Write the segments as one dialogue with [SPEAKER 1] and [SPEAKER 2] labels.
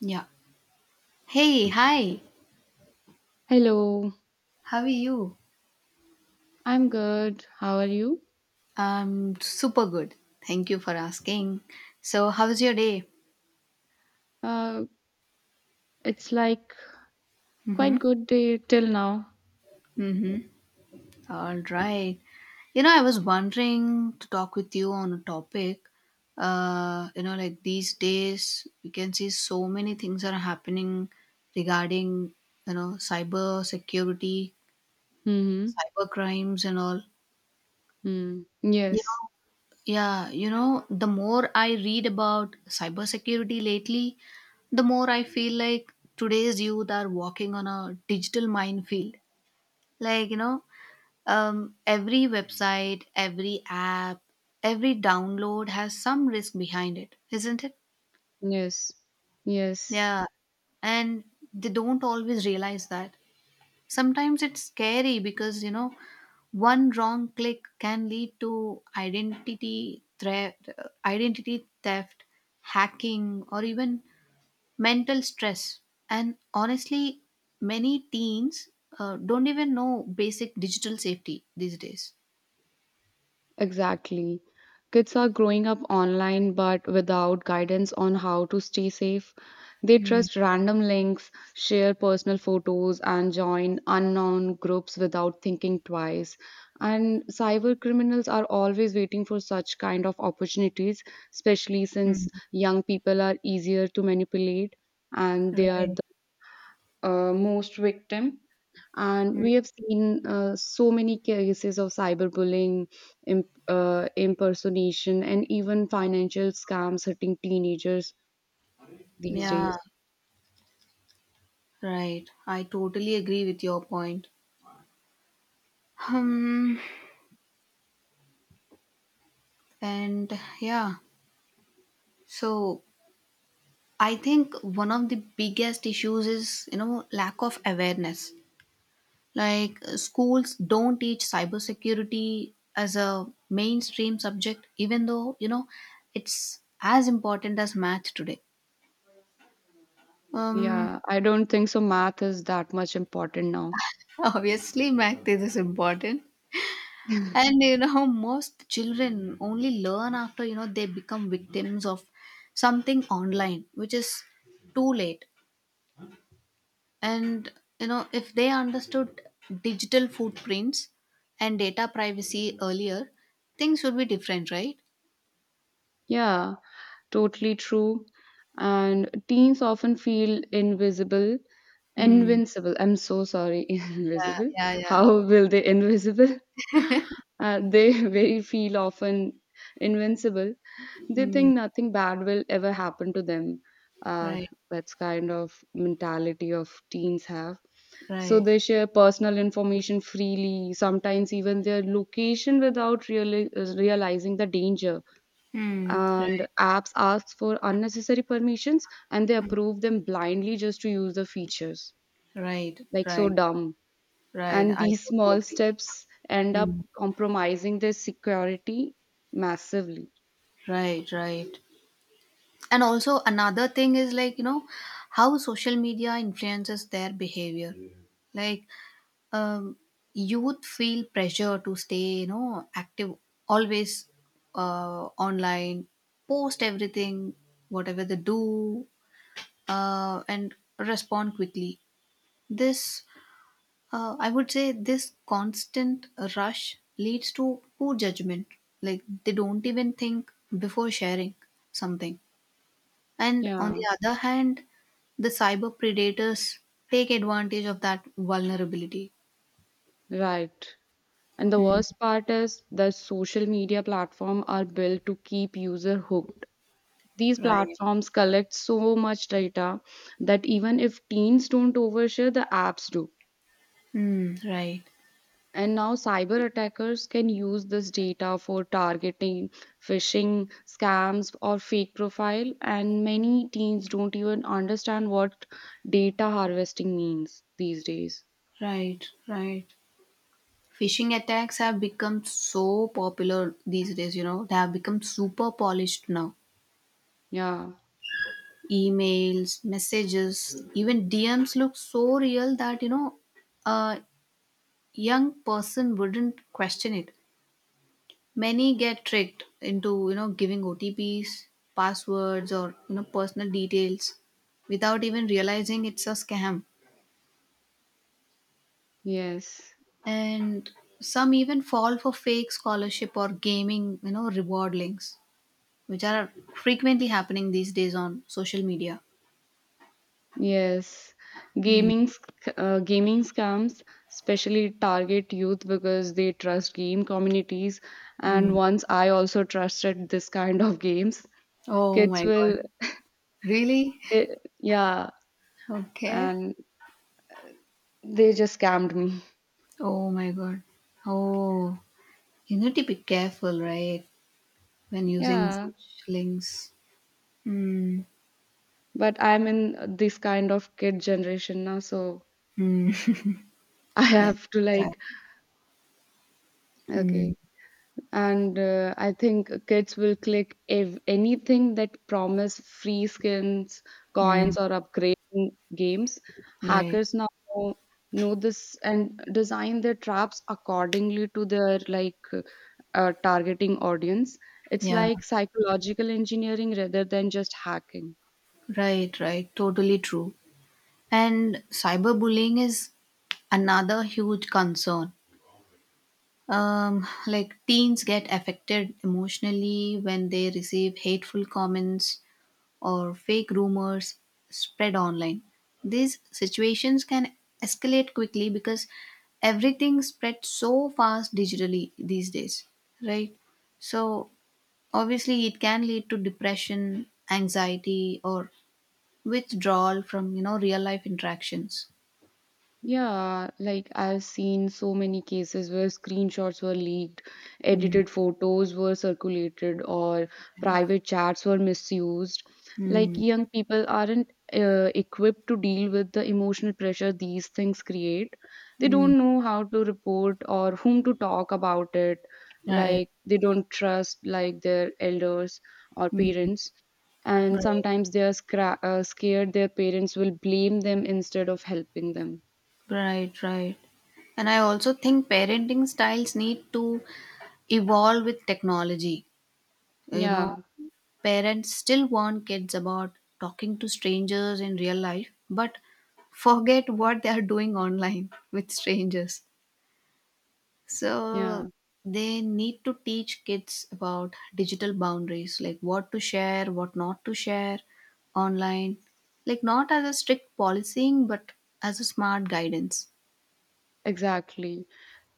[SPEAKER 1] Yeah. Hey, hi.
[SPEAKER 2] Hello,
[SPEAKER 1] How are you?
[SPEAKER 2] I'm good. How are you?
[SPEAKER 1] I'm super good. Thank you for asking. So, how's your day?
[SPEAKER 2] Uh, it's like quite
[SPEAKER 1] Mm-hmm.
[SPEAKER 2] good day till now.
[SPEAKER 1] Mm-hmm. All right. I was wondering to talk with you on a topic. Like these days, we can see so many things are happening regarding, cyber security,
[SPEAKER 2] Mm-hmm.
[SPEAKER 1] cyber crimes, and all.
[SPEAKER 2] Mm.
[SPEAKER 1] You
[SPEAKER 2] Yes,
[SPEAKER 1] know, Yeah, the more I read about cybersecurity lately, the more I feel like today's youth are walking on a digital minefield. Like, every website, every app, every download has some risk behind it, isn't it?
[SPEAKER 2] yes, yes.
[SPEAKER 1] Yeah, and they don't always realize that. Sometimes it's scary because, one wrong click can lead to identity threat, identity theft, hacking, or even mental stress. And honestly, many teens don't even know basic digital safety these days.
[SPEAKER 2] Exactly. Kids are growing up online but without guidance on how to stay safe. They
[SPEAKER 1] Mm,
[SPEAKER 2] trust random links, share personal photos, and join unknown groups without thinking twice. And cyber criminals are always waiting for such kind of opportunities, especially
[SPEAKER 1] mm,
[SPEAKER 2] since young people are easier to manipulate and they are
[SPEAKER 1] right.
[SPEAKER 2] the most victim, and
[SPEAKER 1] Mm.
[SPEAKER 2] we have seen so many cases of cyberbullying, impersonation, and even financial scams hitting teenagers these
[SPEAKER 1] Yeah,
[SPEAKER 2] days.
[SPEAKER 1] right. I totally agree with your point. Um, and yeah, so I think one of the biggest issues is, lack of awareness. Like schools don't teach cybersecurity as a mainstream subject, even though it's as important as math today. Um,
[SPEAKER 2] Yeah, I don't think so. Math is that much important now.
[SPEAKER 1] Obviously, math is important, and most children only learn after they become victims of something online, which is too late. And if they understood digital footprints and data privacy earlier, things would be different, right?
[SPEAKER 2] Yeah, totally true. And teens often feel invisible,
[SPEAKER 1] Hmm.
[SPEAKER 2] invincible. I'm so sorry,
[SPEAKER 1] Yeah,
[SPEAKER 2] invisible.
[SPEAKER 1] yeah, yeah.
[SPEAKER 2] How will they invisible? They very feel often invincible. They
[SPEAKER 1] Mm,
[SPEAKER 2] think nothing bad will ever happen to them. Uh,
[SPEAKER 1] right,
[SPEAKER 2] that's kind of mentality of teens have. So
[SPEAKER 1] right.
[SPEAKER 2] they share personal information freely, sometimes even their location without realizing the danger.
[SPEAKER 1] Mm,
[SPEAKER 2] And
[SPEAKER 1] right,
[SPEAKER 2] apps ask for unnecessary permissions and they approve them blindly just to use the features.
[SPEAKER 1] right,
[SPEAKER 2] Like so
[SPEAKER 1] right,
[SPEAKER 2] dumb.
[SPEAKER 1] right.
[SPEAKER 2] And
[SPEAKER 1] I
[SPEAKER 2] these
[SPEAKER 1] totally
[SPEAKER 2] small
[SPEAKER 1] agree.
[SPEAKER 2] steps end up
[SPEAKER 1] Mm,
[SPEAKER 2] compromising their security massively.
[SPEAKER 1] right, right. And also another thing is like, how social media influences their behavior. Like, um, youth feel pressure to stay, active, always online, post everything, whatever they do, and respond quickly. This I would say this constant rush leads to poor judgment. Like they don't even think before sharing something. And on
[SPEAKER 2] Yeah,
[SPEAKER 1] the other hand, the cyber predators take advantage of that vulnerability.
[SPEAKER 2] right. And the
[SPEAKER 1] Hmm.
[SPEAKER 2] worst part is that social media platforms are built to keep user hooked. These
[SPEAKER 1] Right.
[SPEAKER 2] platforms collect so much data that even if teens don't overshare, the apps do.
[SPEAKER 1] Hmm. Right.
[SPEAKER 2] And now cyber attackers can use this data for targeting, phishing, scams, or fake profile. And many teens don't even understand what data harvesting means these days.
[SPEAKER 1] Right. Right. Phishing attacks have become so popular these days, they have become super polished now.
[SPEAKER 2] Yeah,
[SPEAKER 1] Emails, messages, even DMs look so real that a young person wouldn't question it. Many get tricked into giving OTPs, passwords, or personal details without even realizing it's a scam.
[SPEAKER 2] yes.
[SPEAKER 1] And some even fall for fake scholarship or gaming reward links, which are frequently happening these days on social media.
[SPEAKER 2] Yes,
[SPEAKER 1] Mm,
[SPEAKER 2] gaming sc- gaming scams especially target youth because they trust game communities. And
[SPEAKER 1] mm.
[SPEAKER 2] once I also trusted this kind of games,
[SPEAKER 1] Oh
[SPEAKER 2] kids
[SPEAKER 1] my god.
[SPEAKER 2] will,
[SPEAKER 1] Really?
[SPEAKER 2] eh, yeah,
[SPEAKER 1] Okay.
[SPEAKER 2] and they just scammed me.
[SPEAKER 1] Oh my god. Oh, you need to be careful, right? When using
[SPEAKER 2] Yeah,
[SPEAKER 1] such links. Hmm.
[SPEAKER 2] but I'm in this kind of kid generation now, so
[SPEAKER 1] Hmm.
[SPEAKER 2] I
[SPEAKER 1] Yeah.
[SPEAKER 2] have to
[SPEAKER 1] Yeah.
[SPEAKER 2] like,
[SPEAKER 1] Hmm.
[SPEAKER 2] okay. And I think kids will click anything that promise free skins,
[SPEAKER 1] Hmm.
[SPEAKER 2] coins, or upgrading games.
[SPEAKER 1] Right.
[SPEAKER 2] Hackers now know this and design their traps accordingly to their like targeting audience. It's
[SPEAKER 1] Yeah.
[SPEAKER 2] like psychological engineering rather than just hacking.
[SPEAKER 1] Right. Right. Totally true. And cyberbullying is another huge concern. Like teens get affected emotionally when they receive hateful comments or fake rumors spread online. These situations can escalate quickly because everything spreads so fast digitally these days, right? So, obviously, it can lead to depression, anxiety, or withdrawal from real life interactions.
[SPEAKER 2] Yeah, like I've seen so many cases where screenshots were leaked,
[SPEAKER 1] Mm,
[SPEAKER 2] edited photos were circulated, or
[SPEAKER 1] right.
[SPEAKER 2] private chats were misused. Like
[SPEAKER 1] Mm,
[SPEAKER 2] young people aren't equipped to deal with the emotional pressure these things create. They
[SPEAKER 1] mm,
[SPEAKER 2] don't know how to report or whom to talk about it.
[SPEAKER 1] right.
[SPEAKER 2] Like they don't trust like their elders or
[SPEAKER 1] Mm,
[SPEAKER 2] parents. And
[SPEAKER 1] right.
[SPEAKER 2] sometimes they are scared their parents will blame them instead of helping them.
[SPEAKER 1] Right. Right. And I also think parenting styles need to evolve with technology. You know,
[SPEAKER 2] Yeah,
[SPEAKER 1] Parents still warn kids about talking to strangers in real life, but forget what they are doing online with strangers.
[SPEAKER 2] yeah,
[SPEAKER 1] So they need to teach kids about digital boundaries, like what to share, what not to share online, like not as a strict policing, but as a smart guidance.
[SPEAKER 2] exactly.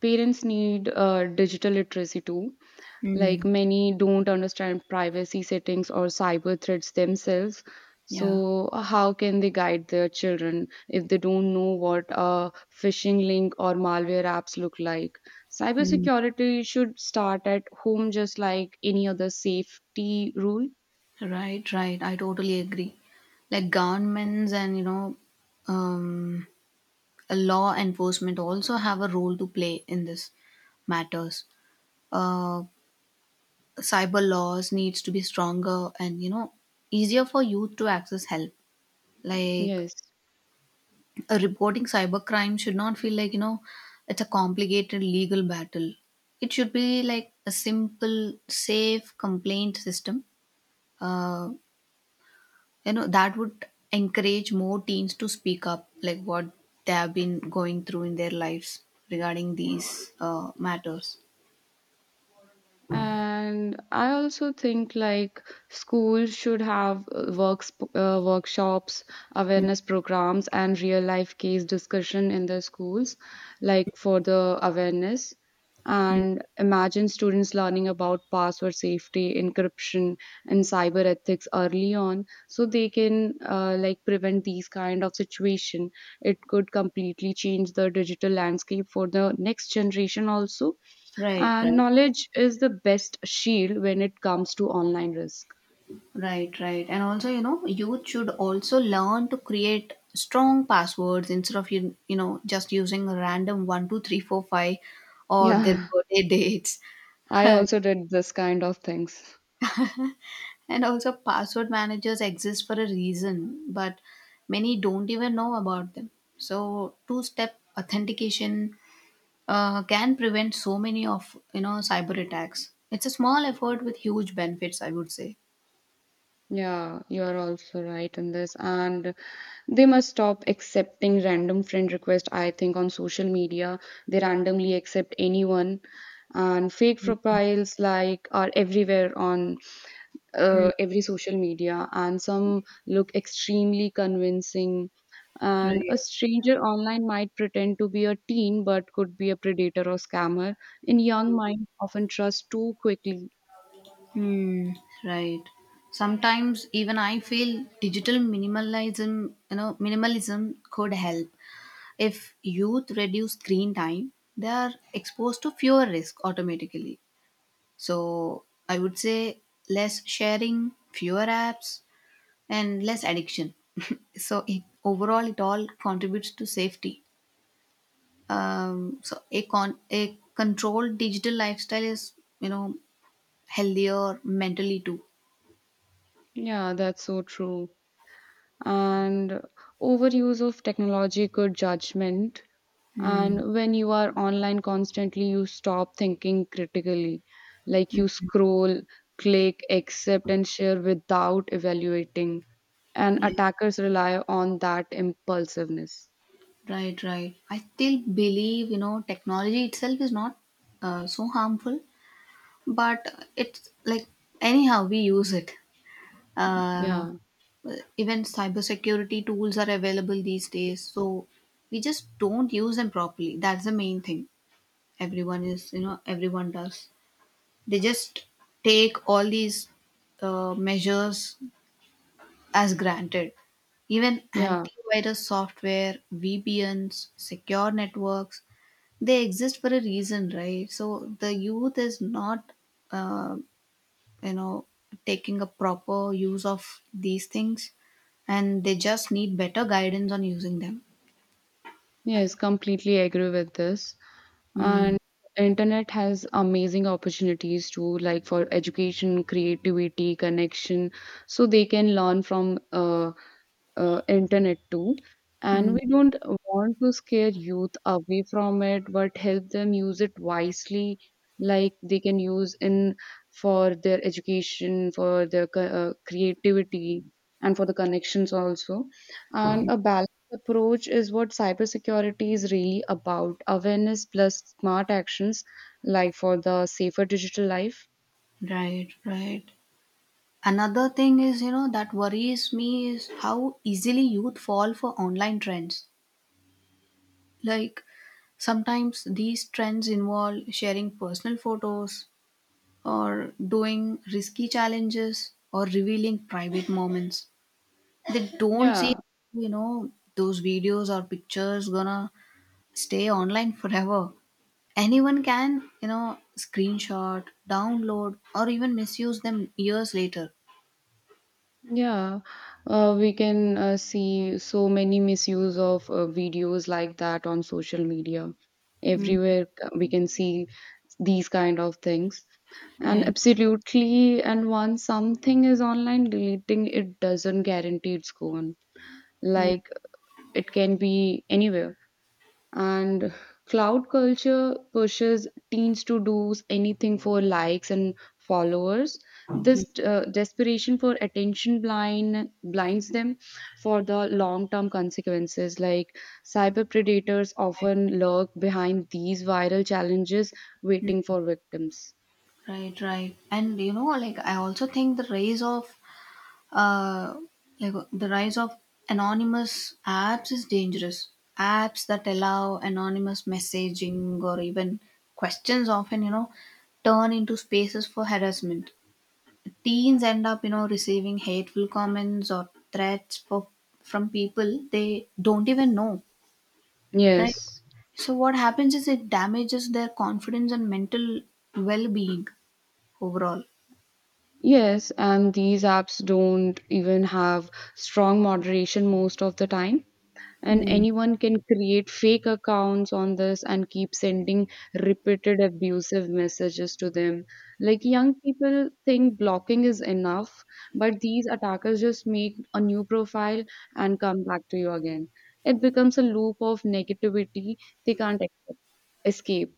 [SPEAKER 2] Parents need digital literacy too.
[SPEAKER 1] Hmm.
[SPEAKER 2] Like many don't understand privacy settings or cyber threats themselves.
[SPEAKER 1] Yeah.
[SPEAKER 2] So, how can they guide their children if they don't know what a phishing link or malware apps look like?
[SPEAKER 1] Hmm.
[SPEAKER 2] Cybersecurity should start at home, just like any other safety rule.
[SPEAKER 1] Right, right. I totally agree. Like governments and um, law enforcement also have a role to play in this matters. Uh, Cyber laws needs to be stronger and easier for youth to access help. Like
[SPEAKER 2] Yes.
[SPEAKER 1] a reporting cyber crime should not feel like it's a complicated legal battle. It should be like a simple, safe complaint system. Uh, that would encourage more teens to speak up, like what they have been going through in their lives regarding these matters.
[SPEAKER 2] And I also think like schools should have workshops, awareness programs, and real life case discussion in their schools, like for the awareness. And imagine students learning about password safety, encryption, and cyber ethics early on, so they can like prevent these kind of situation. It could completely change the digital landscape for the next generation also,
[SPEAKER 1] Right,
[SPEAKER 2] and
[SPEAKER 1] right,
[SPEAKER 2] knowledge is the best shield when it comes to online risk.
[SPEAKER 1] right, right. And also, youth should also learn to create strong passwords instead of just using a random one, two, three, four, five, or their
[SPEAKER 2] Yeah,
[SPEAKER 1] birthday dates.
[SPEAKER 2] I
[SPEAKER 1] And
[SPEAKER 2] also did this kind of things.
[SPEAKER 1] also, password managers exist for a reason, but many don't even know about them. So, two-step authentication can prevent so many of cyber attacks. It's a small effort with huge benefits, I would say.
[SPEAKER 2] Yeah, you are also right in this. And they must stop accepting random friend requests, I think, on social media. They randomly accept anyone. And fake profiles like are everywhere on
[SPEAKER 1] Mm,
[SPEAKER 2] every social media, and some look extremely convincing. And a
[SPEAKER 1] right.
[SPEAKER 2] stranger online might pretend to be a teen but could be a predator or scammer. In young minds, often trust too quickly.
[SPEAKER 1] Hmm. Right. Sometimes even I feel digital minimalism, minimalism could help. If youth reduce screen time, they are exposed to fewer risks automatically. So I would say less sharing, fewer apps, and less addiction. So overall, it all contributes to safety. So a controlled digital lifestyle is you know healthier mentally too.
[SPEAKER 2] Yeah, that's so true. And overuse of technology could judgment,
[SPEAKER 1] Hmm.
[SPEAKER 2] and when you are online constantly you stop thinking critically, like you scroll, click accept, and share without evaluating, and
[SPEAKER 1] Yeah,
[SPEAKER 2] attackers rely on that impulsiveness.
[SPEAKER 1] right, right. I still believe technology itself is not so harmful, but it's like anyhow we use it. uh,
[SPEAKER 2] yeah
[SPEAKER 1] Even cybersecurity tools are available these days, so we just don't use them properly. That's the main thing. Everyone is you know everyone does. They just take all these measures as granted. Even
[SPEAKER 2] yeah
[SPEAKER 1] antivirus software, VPNs, secure networks, they exist for a reason, right? So the youth is not, uh, you know, taking a proper use of these things, and they just need better guidance on using them.
[SPEAKER 2] yes, completely agree with this.
[SPEAKER 1] Mm.
[SPEAKER 2] And internet has amazing opportunities too, like for education, creativity, connection, so they can learn from internet too. And
[SPEAKER 1] Mm.
[SPEAKER 2] we don't want to scare youth away from it but help them use it wisely, like they can use in for their education, for their creativity, and for the connections also. And a balanced approach is what cybersecurity is really about: awareness plus smart actions, like for the safer digital life.
[SPEAKER 1] Right, right. Another thing is, that worries me is how easily youth fall for online trends. Like sometimes these trends involve sharing personal photos or doing risky challenges or revealing private moments. They don't see,
[SPEAKER 2] Yeah.
[SPEAKER 1] those videos or pictures gonna stay online forever. Anyone can, screenshot, download, or even misuse them years later.
[SPEAKER 2] Yeah, we can see so many misuse of videos like that on social media.
[SPEAKER 1] Mm,
[SPEAKER 2] Everywhere we can see these kind of things. And
[SPEAKER 1] right.
[SPEAKER 2] absolutely, and once something is online, deleting it doesn't guarantee it's gone.
[SPEAKER 1] Mm.
[SPEAKER 2] Like it can be anywhere. And cloud culture pushes teens to do anything for likes and followers. This desperation for attention blinds them for the long term consequences. Like cyber predators often lurk behind these viral challenges, waiting for victims.
[SPEAKER 1] Right, right. And like I also think uh the rise of anonymous apps is dangerous. Apps that allow anonymous messaging or even questions often, turn into spaces for harassment. Teens end up, receiving hateful comments or threats for from people they don't even know. Right?
[SPEAKER 2] Yes.
[SPEAKER 1] So what happens is it damages their confidence and mental well being overall.
[SPEAKER 2] Yes, and these apps don't even have strong moderation most of the time, and
[SPEAKER 1] Hmm.
[SPEAKER 2] anyone can create fake accounts on this and keep sending repeated abusive messages to them. Like young people think blocking is enough, but these attackers just make a new profile and come back to you again. It becomes a loop of negativity they can't escape.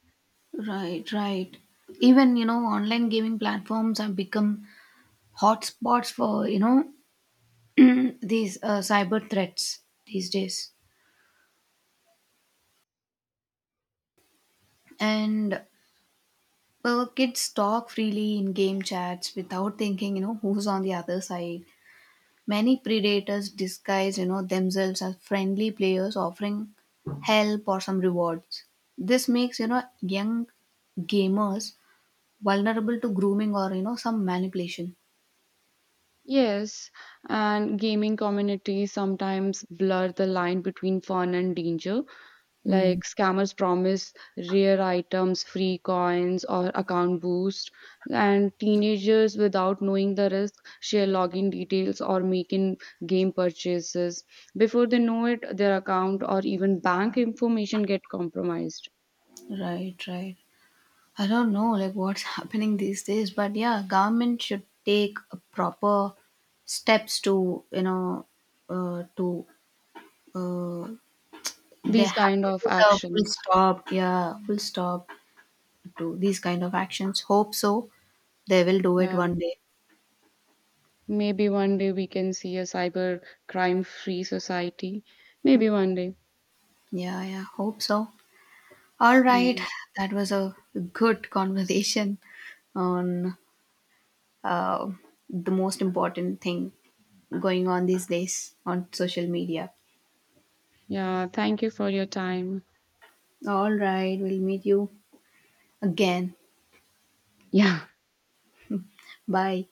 [SPEAKER 1] Right, right. Even online gaming platforms have become hotspots for these cyber threats these days, and well, kids talk freely in game chats without thinking who's on the other side. Many predators disguise themselves as friendly players, offering help or some rewards. This makes young gamers vulnerable to grooming or some manipulation.
[SPEAKER 2] Yes, and gaming communities sometimes blur the line between fun and danger.
[SPEAKER 1] Hmm.
[SPEAKER 2] Like scammers promise rare items, free coins, or account boost, and teenagers, without knowing the risk, share login details or making game purchases. Before they know it, their account or even bank information get compromised.
[SPEAKER 1] Right, right. I don't know like what's happening these days, but yeah, government should take a proper steps to you know to uh, they
[SPEAKER 2] These
[SPEAKER 1] have
[SPEAKER 2] kind
[SPEAKER 1] to
[SPEAKER 2] of
[SPEAKER 1] put a full
[SPEAKER 2] actions.
[SPEAKER 1] stop, yeah, full stop to these kind of actions. Hope so, they will do it
[SPEAKER 2] Yeah.
[SPEAKER 1] one day.
[SPEAKER 2] Maybe one day we can see a cyber crime free society. Maybe one day.
[SPEAKER 1] Yeah, yeah, hope so. All right,
[SPEAKER 2] Yeah.
[SPEAKER 1] that was a good conversation on uh, the most important thing going on these days on social media.
[SPEAKER 2] Yeah. Thank you for your time.
[SPEAKER 1] All right, we'll meet you again.
[SPEAKER 2] Yeah.
[SPEAKER 1] Bye.